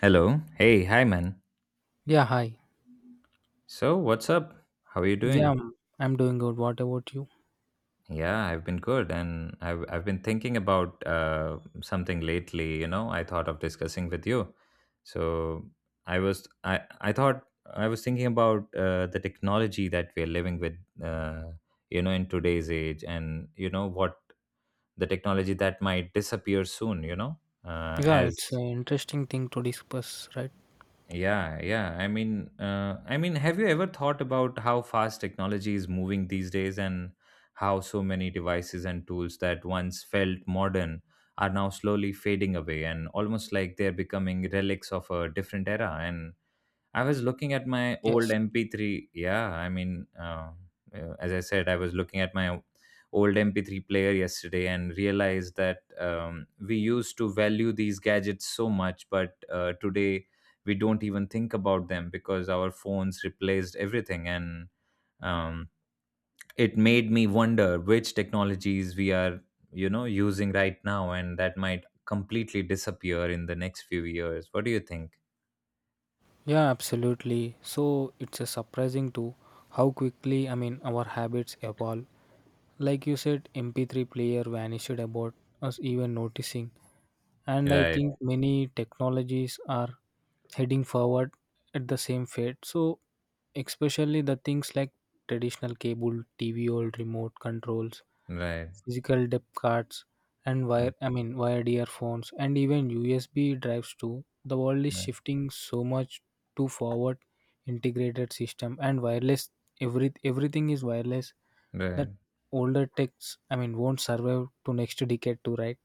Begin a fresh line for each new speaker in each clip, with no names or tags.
Hello. Hey, hi man.
Yeah, hi.
So, what's up? How are you
Yeah,
doing?
I'm doing good. What about you?
Yeah, I've been good and I've been thinking about something lately, you know. I thought of discussing with you. So, I was I thought I was thinking about the technology that we are living with you know in today's age and you know what the technology that might disappear soon, you know,
Yeah, it's
as
an interesting thing to discuss, right?
Yeah, yeah. I mean, have you ever thought about how fast technology is moving these days and how so many devices and tools that once felt modern are now slowly fading away and almost like they're becoming relics of a different era, and I was looking at my old
Yes.
MP3. Yeah, I mean, as I said, I was looking at my old MP3 player yesterday and realized that we used to value these gadgets so much, but today we don't even think about them because our phones replaced everything. And um, it made me wonder which technologies we are, you know, using right now, and that might completely disappear in the next few years. What do you think?
Yeah, absolutely. So it's a surprising to how quickly, I mean, our habits evolve. Like you said, MP3 player vanished about us even noticing. And I
Right,
think many technologies are heading forward at the same fate. So especially the things like traditional cable, TV, old remote controls.
right.
Physical depth cards and
Right.
wired earphones and even USB drives too. The world is
Right.
shifting so much to forward integrated system and wireless. Everything is wireless,
Right,
that older techs, I mean, won't survive to next decade too, right?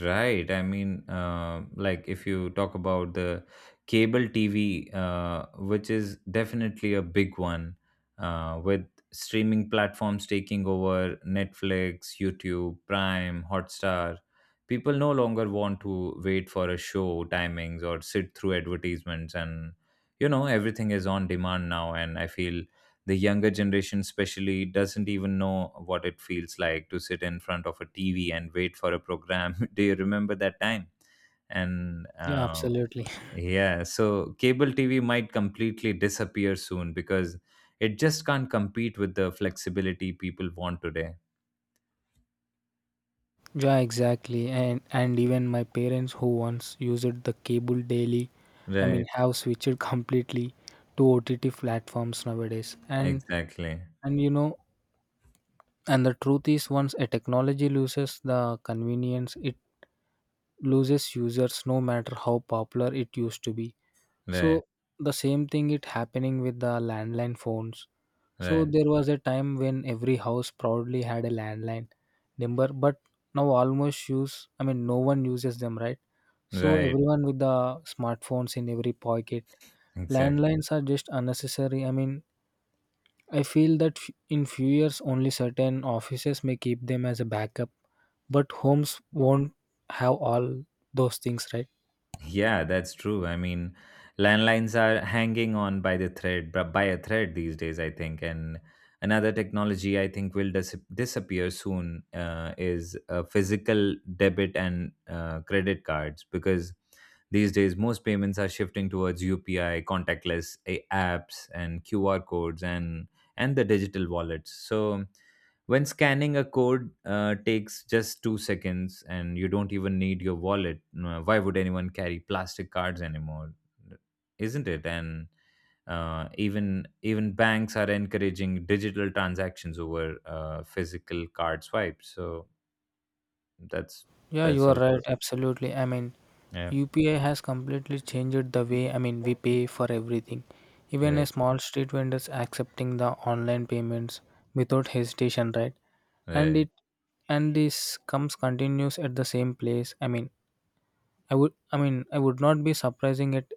right. I mean, like if you talk about the cable TV, which is definitely a big one, with streaming platforms taking over Netflix, YouTube, Prime, Hotstar, people no longer want to wait for a show timings or sit through advertisements, and you know everything is on demand now. And I feel the younger generation especially doesn't even know what it feels like to sit in front of a TV and wait for a program. Do you remember that time? And
Yeah, absolutely.
Yeah, so cable TV might completely disappear soon because it just can't compete with the flexibility people want today.
Yeah, exactly. And even my parents who once used the cable daily, I mean,
Right,
have switched completely to OTT platforms nowadays. And
exactly.
and you know And the truth is, once a technology loses the convenience, it loses users no matter how popular it used to be.
Right.
So the same thing it happening with the landline phones. So
Right.
there was a time when every house proudly had a landline number, but now almost use, I mean, no one uses them, right? So
Right,
everyone with the smartphones in every pocket.
exactly.
Landlines are just unnecessary. I mean, I feel that in few years only certain offices may keep them as a backup, but homes won't have all those things, right?
Yeah, that's true. Landlines are hanging on by the thread, but by a thread these days, I think. And another technology I think will disappear soon is physical debit and credit cards, because these days most payments are shifting towards UPI, contactless a apps, and QR codes, and the digital wallets. So when scanning a code takes just 2 seconds and you don't even need your wallet, why would anyone carry plastic cards anymore? Isn't it? And even banks are encouraging digital transactions over physical card swipes. So that's
Yeah, you
that's
are
also
right. Absolutely. I mean,
yeah,
UPI has completely changed the way, I mean, we pay for everything. Even a
right.
small street vendors accepting the online payments without hesitation, right? And
Right.
it and this comes continues at the same place. I mean, I would not be surprising it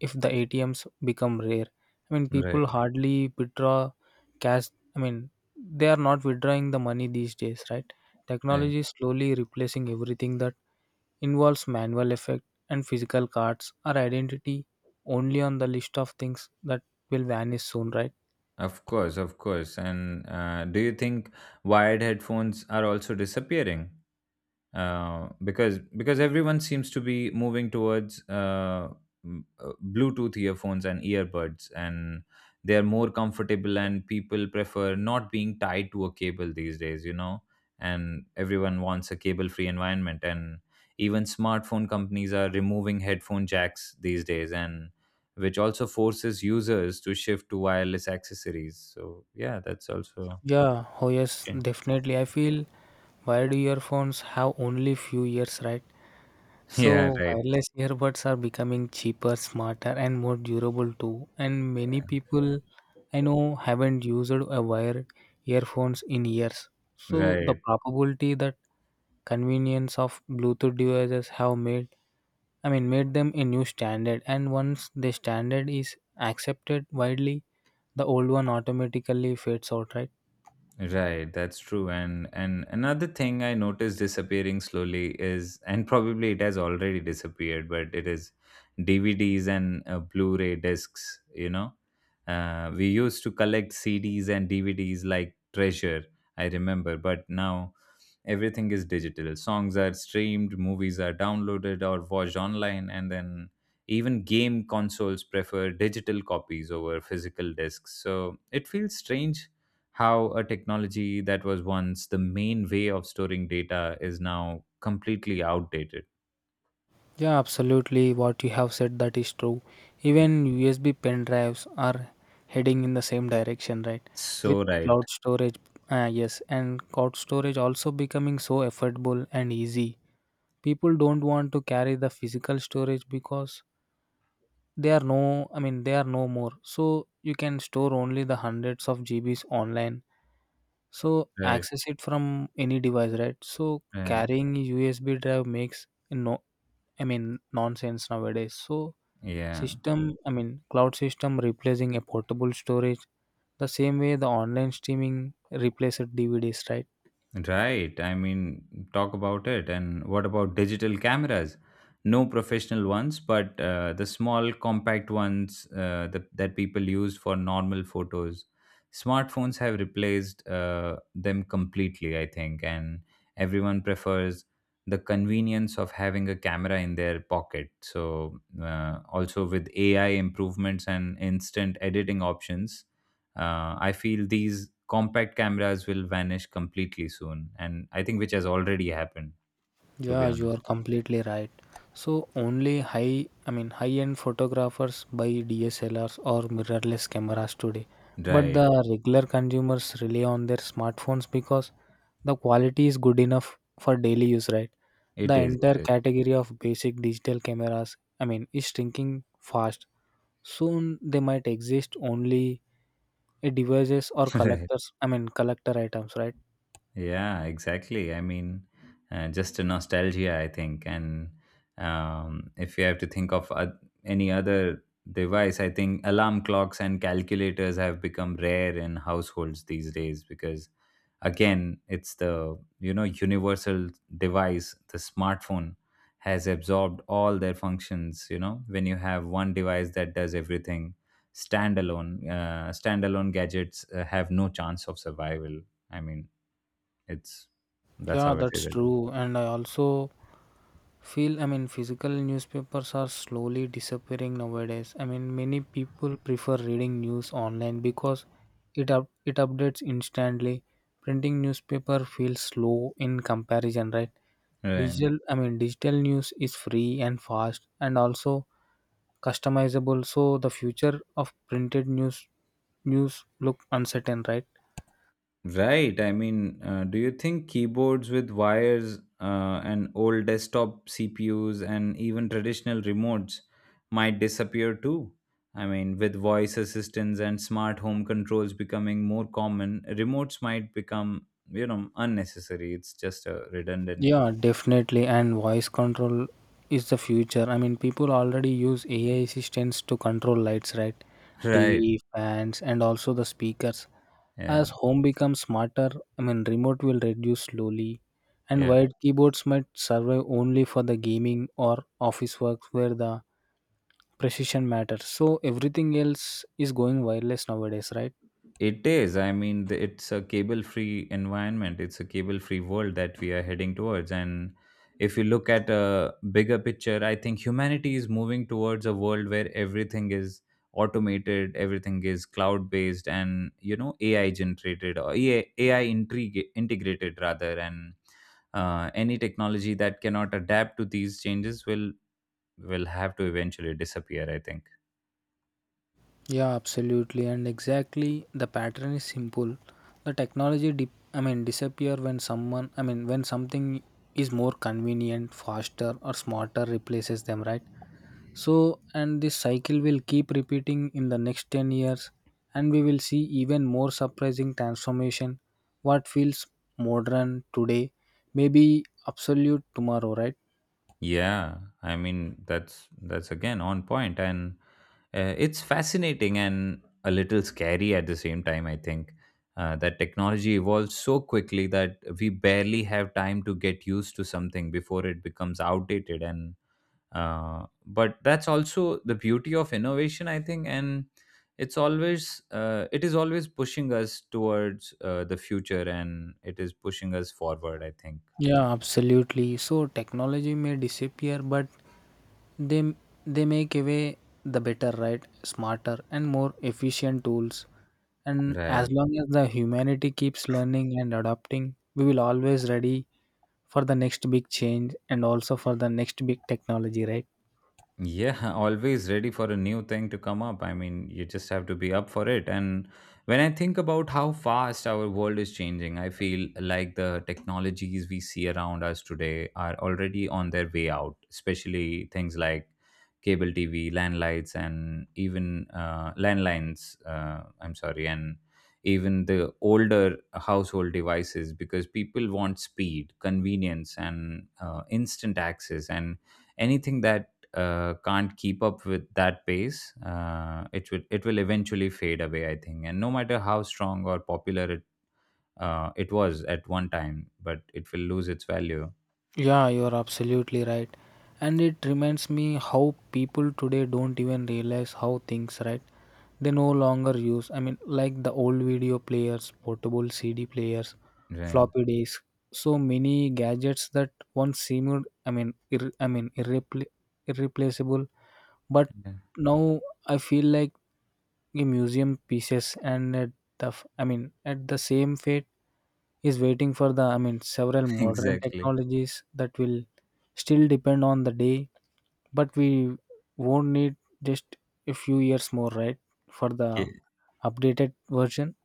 if the ATMs become rare. I mean,
Right.
people hardly withdraw cash. I mean, they are not withdrawing the money these days, right?
Right.
Technology is slowly replacing everything that involves manual effect and physical cards or identity only on the list of things that will vanish soon, right?
Of course, of course. And do you think wired headphones are also disappearing? Because everyone seems to be moving towards Bluetooth earphones and earbuds, and they are more comfortable, and people prefer not being tied to a cable these days, you know. And everyone wants a cable-free environment, and even smartphone companies are removing headphone jacks these days, and which also forces users to shift to wireless accessories. So yeah, that's also a
Yeah, oh yes,
change.
definitely. I feel wired earphones have only few years, right?
Yeah,
So
right,
wireless earbuds are becoming cheaper, smarter, and more durable too. And many people I know haven't used a wired earphones in years. So the
right.
probability that convenience of Bluetooth devices have made I mean made them a new standard. And once the standard is accepted widely, the old one automatically fades out, right?
Right, that's true. And another thing I noticed disappearing slowly is, and probably it has already disappeared, but it is DVDs and Blu-ray discs. You know, we used to collect CDs and DVDs like treasure. I remember, but now everything is digital. Songs are streamed, movies are downloaded or watched online, and then even game consoles prefer digital copies over physical discs. So it feels strange how a technology that was once the main way of storing data is now completely outdated.
Yeah, absolutely. What you have said that is true. Even USB pen drives are heading in the same direction, right? With
So right,
cloud storage, yes, and cloud storage also becoming so affordable and easy. People don't want to carry the physical storage because they are no more. So you can store only the hundreds of GBs online, so
right,
access it from any device, right? So
yeah,
carrying USB drive makes no, I mean, nonsense nowadays. So
yeah.
cloud system replacing a portable storage, the same way the online streaming replaced DVDs, right?
Right. I mean, talk about it. And what about digital cameras? No professional ones, but the small, compact ones that people use for normal photos. Smartphones have replaced them completely, I think, and everyone prefers the convenience of having a camera in their pocket. So, also with AI improvements and instant editing options, I feel these compact cameras will vanish completely soon, and I think which has already happened, to be
Yeah, you
honest.
are completely right. So only high-end photographers buy DSLRs or mirrorless cameras today. But
Right.
the regular consumers rely on their smartphones because the quality is good enough for daily use, right?
It
The
is, it
entire
is.
category of basic digital cameras, I mean, is shrinking fast. Soon they might exist only in devices or
Right.
collector items, right?
Yeah, exactly, I mean, just a nostalgia, I think. And If you have to think of any other device, I think alarm clocks and calculators have become rare in households these days because, again, it's the you know universal device, the smartphone, has absorbed all their functions. You know, when you have one device that does everything, standalone gadgets have no chance of survival. I mean, it's That's
Yeah,
how it is,
that's
I think.
true. And I also feel, I mean, physical newspapers are slowly disappearing nowadays. I mean, many people prefer reading news online because it updates instantly. Printing newspaper feels slow in comparison, right?
Right.
Digital i mean digital news is free and fast and also customizable, so the future of printed news look uncertain, right?
Right. I mean, do you think keyboards with wires and old desktop CPUs and even traditional remotes might disappear too? I mean, with voice assistants and smart home controls becoming more common, remotes might become, you know, unnecessary. It's just a redundant.
Yeah, definitely. And voice control is the future. I mean, people already use AI assistants to control lights, right?
Right.
TV, fans, and also the speakers.
Yeah.
As home becomes smarter, I mean, remote will reduce slowly, and
Yeah.
wired keyboards might survive only for the gaming or office work where the precision matters. So everything else is going wireless nowadays, right?
It is. It's a cable free environment. It's a cable free world that we are heading towards. And if you look at a bigger picture, I think humanity is moving towards a world where everything is automated, everything is cloud based, and, you know, AI generated, or AI integrated rather. And any technology that cannot adapt to these changes will have to eventually disappear, I think.
Yeah, absolutely, and exactly the pattern is simple. The technology, disappear when when something is more convenient, faster, or smarter replaces them, right? So, and this cycle will keep repeating in the next 10 years, and we will see even more surprising transformation. What feels modern today may be absolute tomorrow, right?
Yeah, I mean, that's again on point. And it's fascinating and a little scary at the same time. I think that technology evolves so quickly that we barely have time to get used to something before it becomes outdated. And but that's also the beauty of innovation, I think, and it is always pushing us towards the future, and it is pushing us forward, I think.
Yeah, absolutely. So technology may disappear, but they they make away the better, right? Smarter and more efficient tools. And as
Right.
long as the humanity keeps learning and adapting, we will always ready for the next big change and also for the next big technology, right?
Yeah, always ready for a new thing to come up. I mean, you just have to be up for it. And when I think about how fast our world is changing, I feel like the technologies we see around us today are already on their way out, especially things like cable TV, landlines, and even landlines. I'm sorry, and even the older household devices, because people want speed, convenience, and instant access. And anything that can't keep up with that pace, it will eventually fade away, I think. And no matter how strong or popular it was at one time, but it will lose its value.
Yeah, you're absolutely right. And it reminds me how people today don't even realize how things, right? They no longer use, I mean, like the old video players, portable CD players,
Right.
floppy disks, so many gadgets that once seemed, I mean, irreplaceable, but
Yeah.
now I feel like a museum pieces, and at the f- I mean at the same fate is waiting for the I mean several modern
Exactly.
technologies that will still depend on the day, but we won't need just a few years more, right, for the
Yeah.
updated version.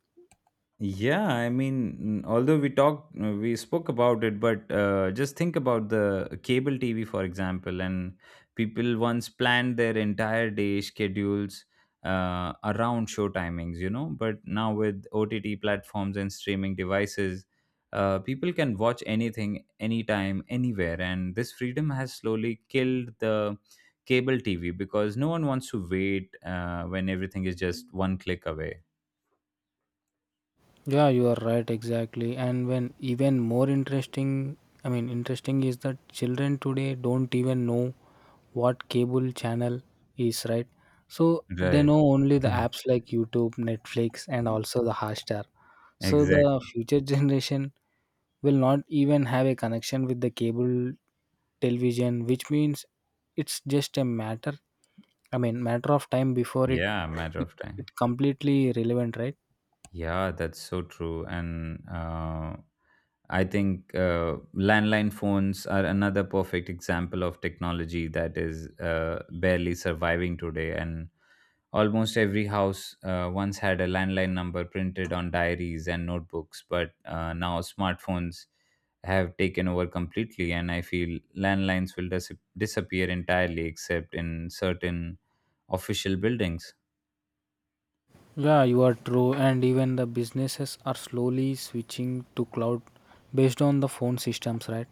Yeah, I mean, although we spoke about it, but just think about the cable TV, for example, and people once planned their entire day schedules around show timings, you know. But now with OTT platforms and streaming devices, people can watch anything, anytime, anywhere, and this freedom has slowly killed the cable TV because no one wants to wait when everything is just one click away.
Yeah, you are right, exactly. And when even more interesting, I mean, interesting is that children today don't even know what cable channel is, right? So they
Right.
know only the apps like YouTube, Netflix, and also the Hotstar. So the
Exactly.
future generation will not even have a connection with the cable television, which means it's just a matter of time before it
Yeah, matter of time.
it completely relevant, right?
Yeah, that's so true. And I think landline phones are another perfect example of technology that is barely surviving today. And almost every house once had a landline number printed on diaries and notebooks, but now smartphones have taken over completely. And I feel landlines will disappear entirely, except in certain official buildings.
Yeah, you are true, and even the businesses are slowly switching to cloud based on the phone systems, right?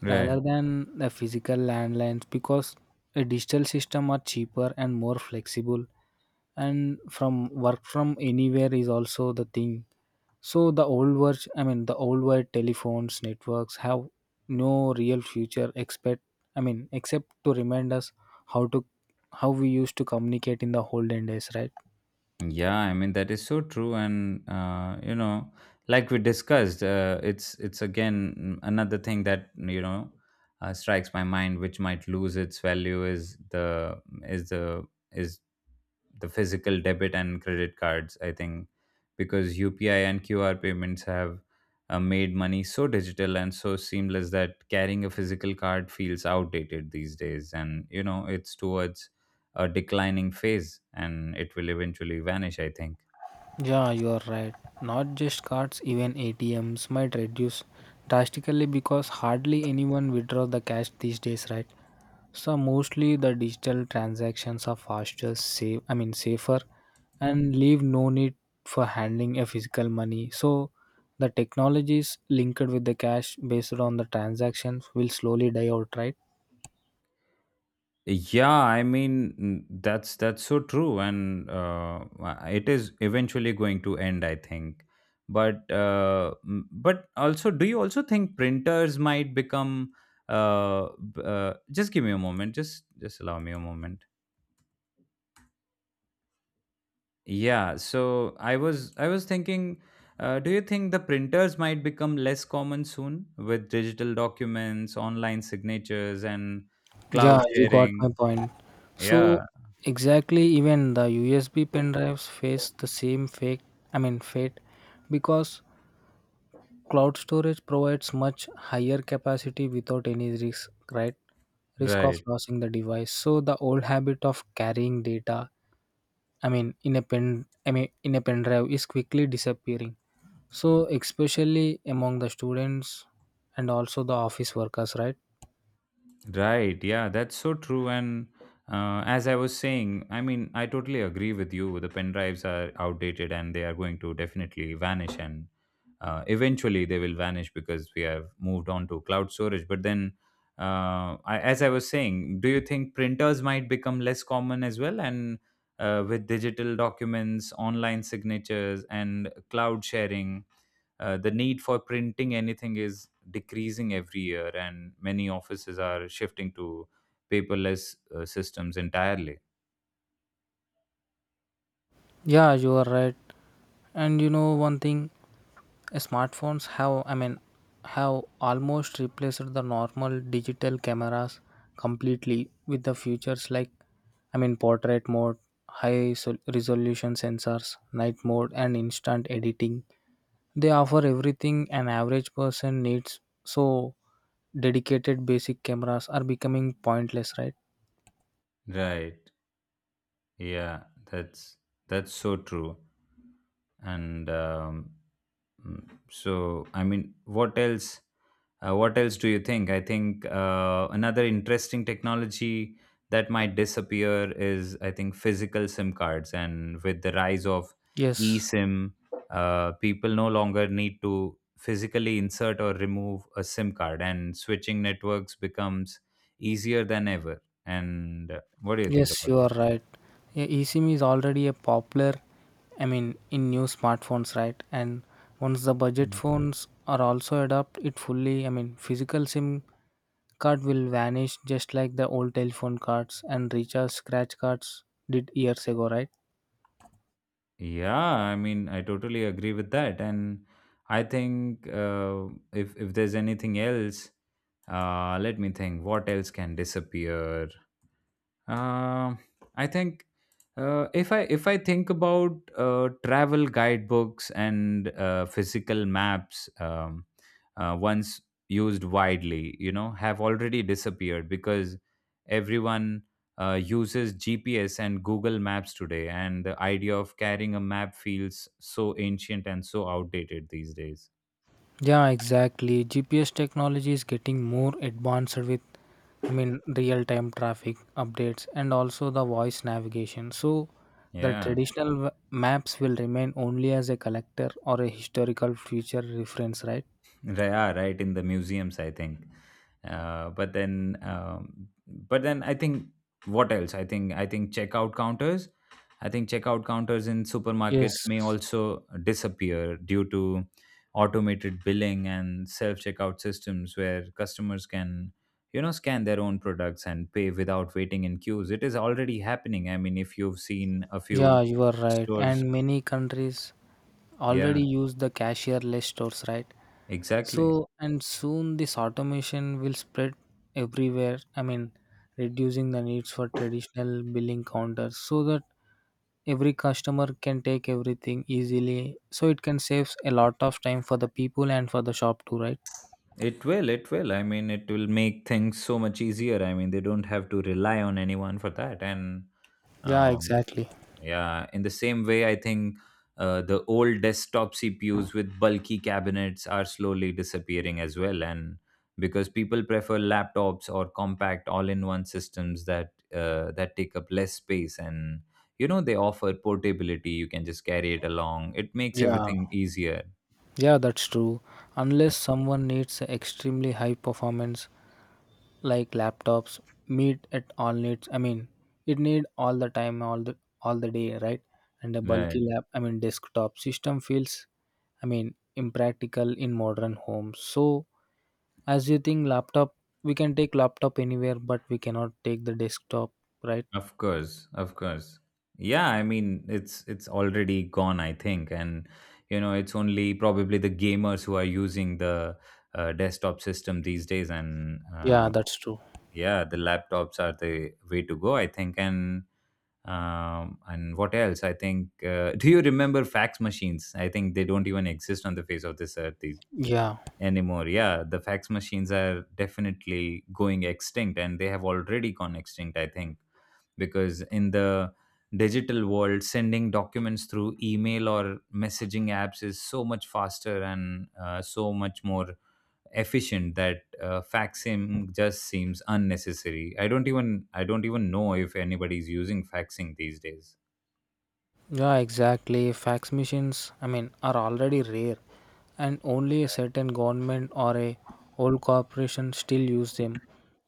Right.
Rather than the physical landlines, because a digital system are cheaper and more flexible, and from work from anywhere is also the thing. So the old world telephones networks have no real future. Except to remind us how to how we used to communicate in the olden days, right?
Yeah, I mean that is so true, and you know, like we discussed, it's again another thing that you know strikes my mind, which might lose its value is is the is the physical debit and credit cards, I think, because UPI and QR payments have made money so digital and so seamless that carrying a physical card feels outdated these days, and you know it's towards a declining phase and it will eventually vanish, I think.
Yeah, you are right. Not just cards, even ATMs might reduce drastically because hardly anyone withdraws the cash these days, right? So mostly the digital transactions are faster, safer, and leave no need for handling a physical money. So the technologies linked with the cash based on the transactions will slowly die out, right?
Yeah, I mean, that's so true, and it is eventually going to end, I think. But but also, do you also think printers might become? Just give me a moment. Just allow me a moment. Yeah. So I was thinking, do you think the printers might become less common soon with digital documents, online signatures, and cloud
Yeah, you got my
sharing?
point.
Yeah.
So exactly even the USB pen drives face the same fake I mean fate because cloud storage provides much higher capacity without any risk, right? Risk of
Right.
losing the device. So the old habit of carrying data, I mean, in a pen drive is quickly disappearing. So especially among the students and also the office workers, right?
Right. Yeah, that's so true. And as I was saying, I mean, I totally agree with you. The pen drives are outdated and they are going to definitely vanish. And eventually they will vanish because we have moved on to cloud storage. But then, as I was saying, do you think printers might become less common as well? And with digital documents, online signatures, and cloud sharing? The need for printing anything is decreasing every year, and many offices are shifting to paperless systems entirely.
Yeah, you are right. And you know one thing, smartphones have I mean have almost replaced the normal digital cameras completely with the features like, I mean, portrait mode, high resolution sensors, night mode, and instant editing. They offer everything an average person needs. So dedicated basic cameras are becoming pointless, right?
Right. Yeah, that's that's so true. And um, So, I mean, what else? What else do you think? I think another interesting technology that might disappear is, I think, physical SIM cards. And with the rise of
Yes.
eSIM, people no longer need to physically insert or remove a SIM card, and switching networks becomes easier than ever. And what do you think
Yes,
about
you
that?
are right. Yeah, eSIM is already a popular, I mean, in new smartphones, right? And once the budget
Mm-hmm.
phones are also adopt it fully, I mean, physical SIM card will vanish just like the old telephone cards and recharge scratch cards did years ago, right?
Yeah, I mean, I totally agree with that, and I think if there's anything else, let me think. What else can disappear? Um, I think if I think about travel guidebooks and physical maps, once used widely, you know, have already disappeared because everyone uses GPS and Google Maps today, and the idea of carrying a map feels so ancient and so outdated these days.
Yeah, exactly. GPS technology is getting more advanced with, I mean, real time traffic updates and also the voice navigation. So the
Yeah.
traditional maps will remain only as a collector or a historical future reference, right?
Yeah, right in the museums, I think. But then, but then I think, what else? I think checkout counters. I think checkout counters in supermarkets
Yes.
may also disappear due to automated billing and self checkout systems where customers can, you know, scan their own products and pay without waiting in queues. It is already happening. I mean, if you've seen a few
Yeah, you are right.
stores.
And many countries
Yeah,
already use the cashierless stores, right?
exactly.
So, and soon this automation will spread everywhere. I mean, reducing the needs for traditional billing counters so that every customer can take everything easily. So it can save a lot of time for the people and for the shop too, right?
It will, it will. I mean, it will make things so much easier. I mean, they don't have to rely on anyone for that. And
Yeah,
um,
exactly.
yeah, in the same way, I think the old desktop CPUs with bulky cabinets are slowly disappearing as well. And because people prefer laptops or compact all-in-one systems that that take up less space, and you know they offer portability. You can just carry it along. It makes
Yeah.
everything easier.
Yeah, that's true. Unless someone needs extremely high performance, like laptops meet at all needs. I mean, it need all the time, all the day, right? And a
Yeah,
bulky
right.
desktop system feels, I mean, impractical in modern homes. So, as you think, laptop we can take laptop anywhere, but we cannot take the desktop, right?
Of course, of course. Yeah, I mean it's already gone, I think, and you know it's only probably the gamers who are using the desktop system these days, and
Yeah, that's true.
yeah, the laptops are the way to go, I think. And what else? I think. Do you remember fax machines? I think they don't even exist on the face of this earth these,
Yeah.
anymore. Yeah, the fax machines are definitely going extinct, and they have already gone extinct, I think because in the digital world sending documents through email or messaging apps is so much faster and so much more efficient that faxing just seems unnecessary. I don't even know if anybody's using faxing these days.
Yeah, exactly. Fax machines, I mean, are already rare, and only a certain government or a old corporation still use them.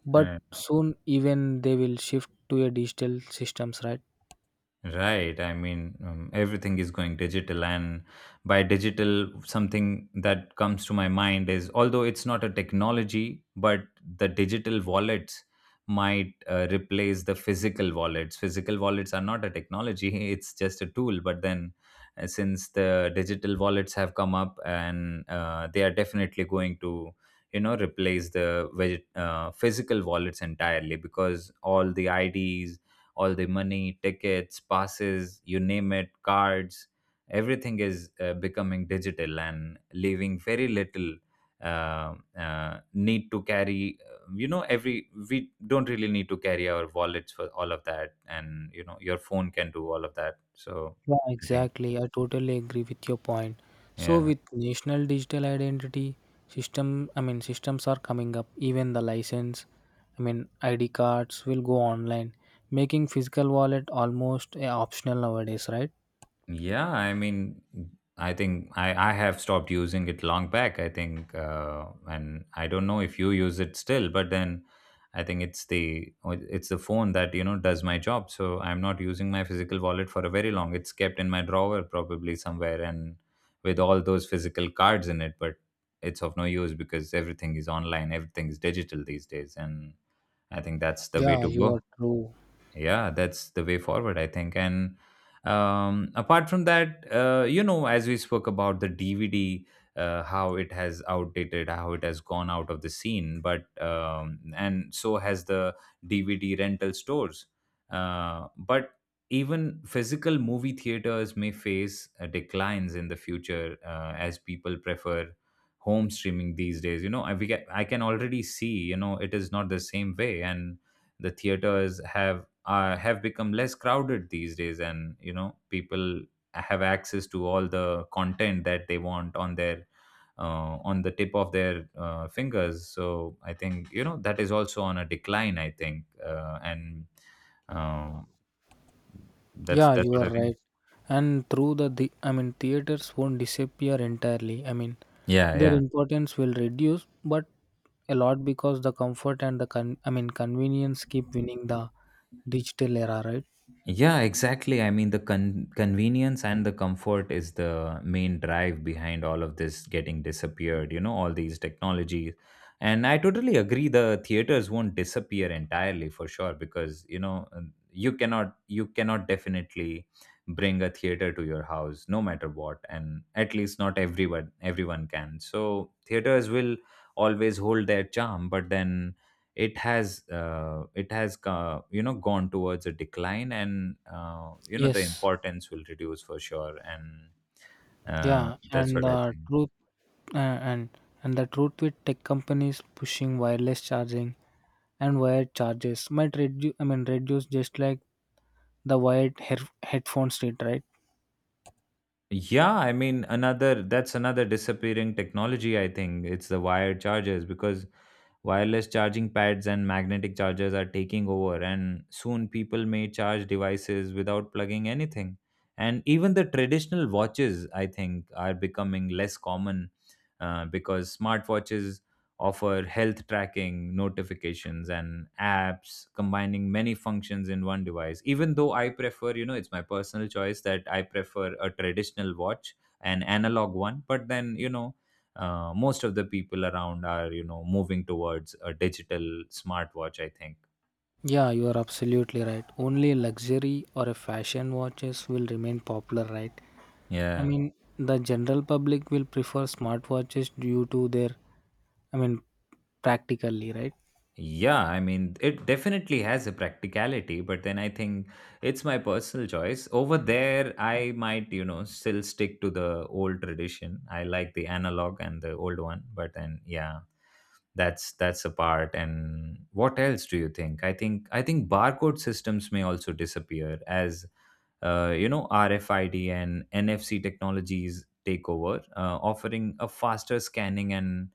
But soon, even they will shift to a digital systems, right?
Right. I mean, everything is going digital, and by digital, something that comes to my mind is, although it's not a technology, but the digital wallets might replace the physical wallets. Physical wallets are not a technology, it's just a tool. But then, since the digital wallets have come up and they are definitely going to, you know, replace the physical wallets entirely because all the ids, all the money, tickets, passes, you name it, cards, everything is becoming digital and leaving very little need to carry. You know, every we don't really need to carry our wallets for all of that, and you know, your phone can do all of that. So
Yeah,
I think,
exactly. I totally agree with your point. So,
yeah.
with national digital identity systems are coming up. Even the license, I mean, ID cards will go online, making physical wallet almost a optional nowadays, right?
Yeah, I mean, I think I have stopped using it long back. I think, and I don't know if you use it still, but then I think it's the phone that you know does my job. So I'm not using my physical wallet for a very long. It's kept in my drawer probably somewhere, and with all those physical cards in it, but it's of no use because everything is online, everything is digital these days, and I think that's the way
Yeah,
to
you are
go.
true.
Yeah, that's the way forward, I think. And apart from that, you know, as we spoke about the dvd, how it has outdated, how it has gone out of the scene. But and so has the dvd rental stores, but even physical movie theaters may face declines in the future as people prefer home streaming these days. You know, we get, I can already see, you know, it is not the same way, and the theaters have become less crowded these days, and you know people have access to all the content that they want on their on the tip of their fingers. So I think, you know, that is also on a decline, I think. Uh, and um,
Yeah,
that's
you
what
are
I think.
right. And through the theaters won't disappear entirely. I mean,
Yeah,
their
yeah.
importance will reduce, but a lot because the comfort and the convenience keep winning the digital era, right?
Yeah, exactly. I mean, the convenience and the comfort is the main drive behind all of this getting disappeared, you know, all these technologies. And I totally agree the theaters won't disappear entirely for sure because, you know, you cannot definitely bring a theater to your house no matter what, and at least not everyone can. So, theaters will always hold their charm, but then it has you know gone towards a decline, and you know the
Yes.
importance will reduce for sure. And
Yeah,
that's
and
what I think.
uh, and the truth with tech companies pushing wireless charging and wired charges might reduce I mean reduce just like the wired headphones did, right?
Yeah, I mean, another, that's another disappearing technology, I think. It's the wired chargers because wireless charging pads and magnetic chargers are taking over, and soon people may charge devices without plugging anything. And even the traditional watches, I think, are becoming less common because smartwatches offer health tracking, notifications, and apps, combining many functions in one device. Even though I prefer, you know, it's my personal choice that I prefer a traditional watch, an analog one, but then, you know, most of the people around are, you know, moving towards a digital smartwatch, I think.
Yeah, you are absolutely right. Only luxury or a fashion watches will remain popular, right? I
Yeah.
mean, the general public will prefer smartwatches due to their, I mean, practically, right?
Yeah, I mean, it definitely has a practicality, but then I think it's my personal choice. Over there, I might, you know, still stick to the old tradition. I like the analog and the old one, but then, yeah, that's a part. And what else do you think? I think barcode systems may also disappear as, you know, rfid and nfc technologies take over, offering a faster scanning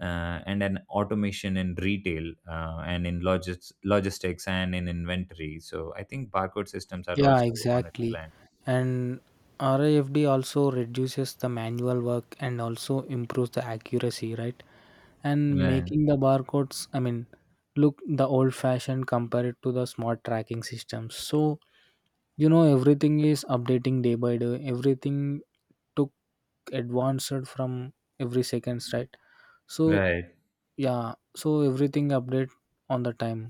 and an automation in retail and in logistics and in inventory. So I think barcode systems are
Yeah,
also on a
exactly.
decline.
And RIFD also reduces the manual work and also improves the accuracy, right? And
Yeah,
making the barcodes, I mean, look the old fashioned compared to the smart tracking systems. So you know everything is updating day by day, everything took advanced from every seconds, right? So
right.
yeah, so everything update on the time.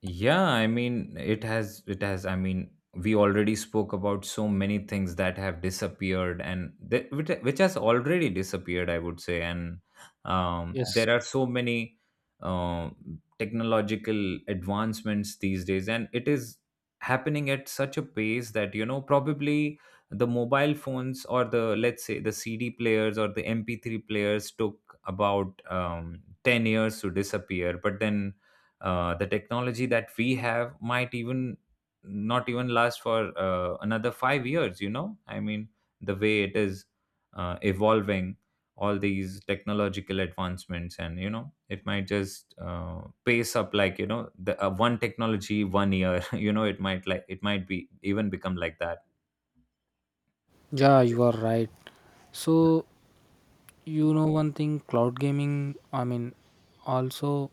Yeah, I mean, it has, I mean, we already spoke about so many things that have disappeared and that, which has already disappeared, I would say. And
Yes.
there are so many uh, technological advancements these days, and it is happening at such a pace that, you know, probably the mobile phones or the, let's say, the CD players or the MP3 players took about 10 years to disappear. But then, the technology that we have might even not even last for another five years, you know, I mean the way it is evolving all these technological advancements, and you know it might just pace up, like, you know, the one technology one year, you know it might, like, it might be even become like that.
Yeah, you are right. So you know one thing, cloud gaming, I mean, also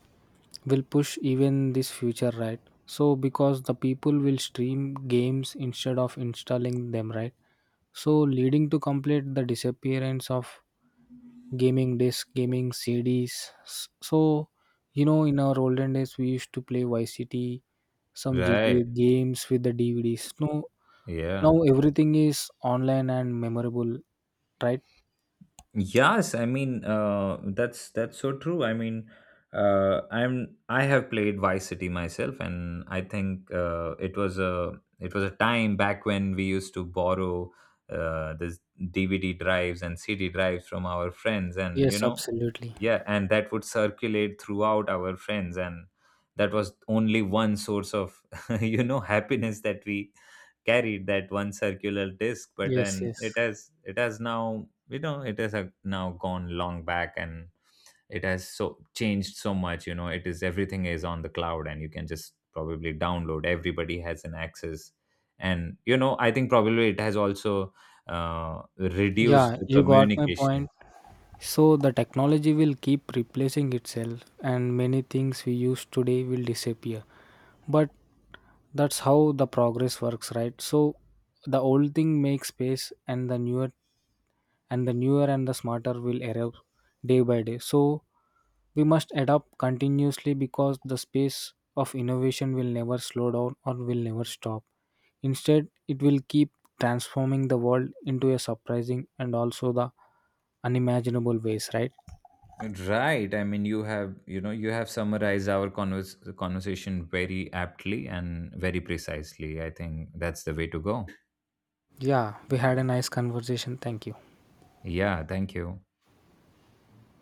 will push even this future, right? So because the people will stream games instead of installing them, right? So leading to complete the disappearance of gaming disc, gaming CDs. So you know, in our olden days, we used to play YCT, some
Right,
GTA games with the DVDs. No, now
yeah.
everything is online and memorable, right?
Yes, I mean that's so true. I mean, I have played Vice City myself, and I think it was a time back when we used to borrow this DVD drives and CD drives from our friends, and you
Yes,
know,
absolutely.
yeah, and that would circulate throughout our friends, and that was only one source of you know happiness, that we carried that one circular disc. But
Yes,
then
yes.
it has, it has now, you know it has now gone long back. And it has so changed so much. You know, it is everything is on the cloud, and you can just probably download, everybody has an access. And you know I think probably it has also reduced
Yeah,
the
you got my
communication.
point. So the technology will keep replacing itself, and many things we use today will disappear. But that's how the progress works, right? So the old thing makes space and the newer and the smarter will arrive day by day. So we must adapt continuously because the space of innovation will never slow down or will never stop. Instead, it will keep transforming the world into a surprising and also the unimaginable ways, right?
Right. I mean, you have, you know, you have summarized our conversation very aptly and very precisely. I think that's the way to go.
Yeah, we had a nice conversation. Thank you.
Yeah, thank you.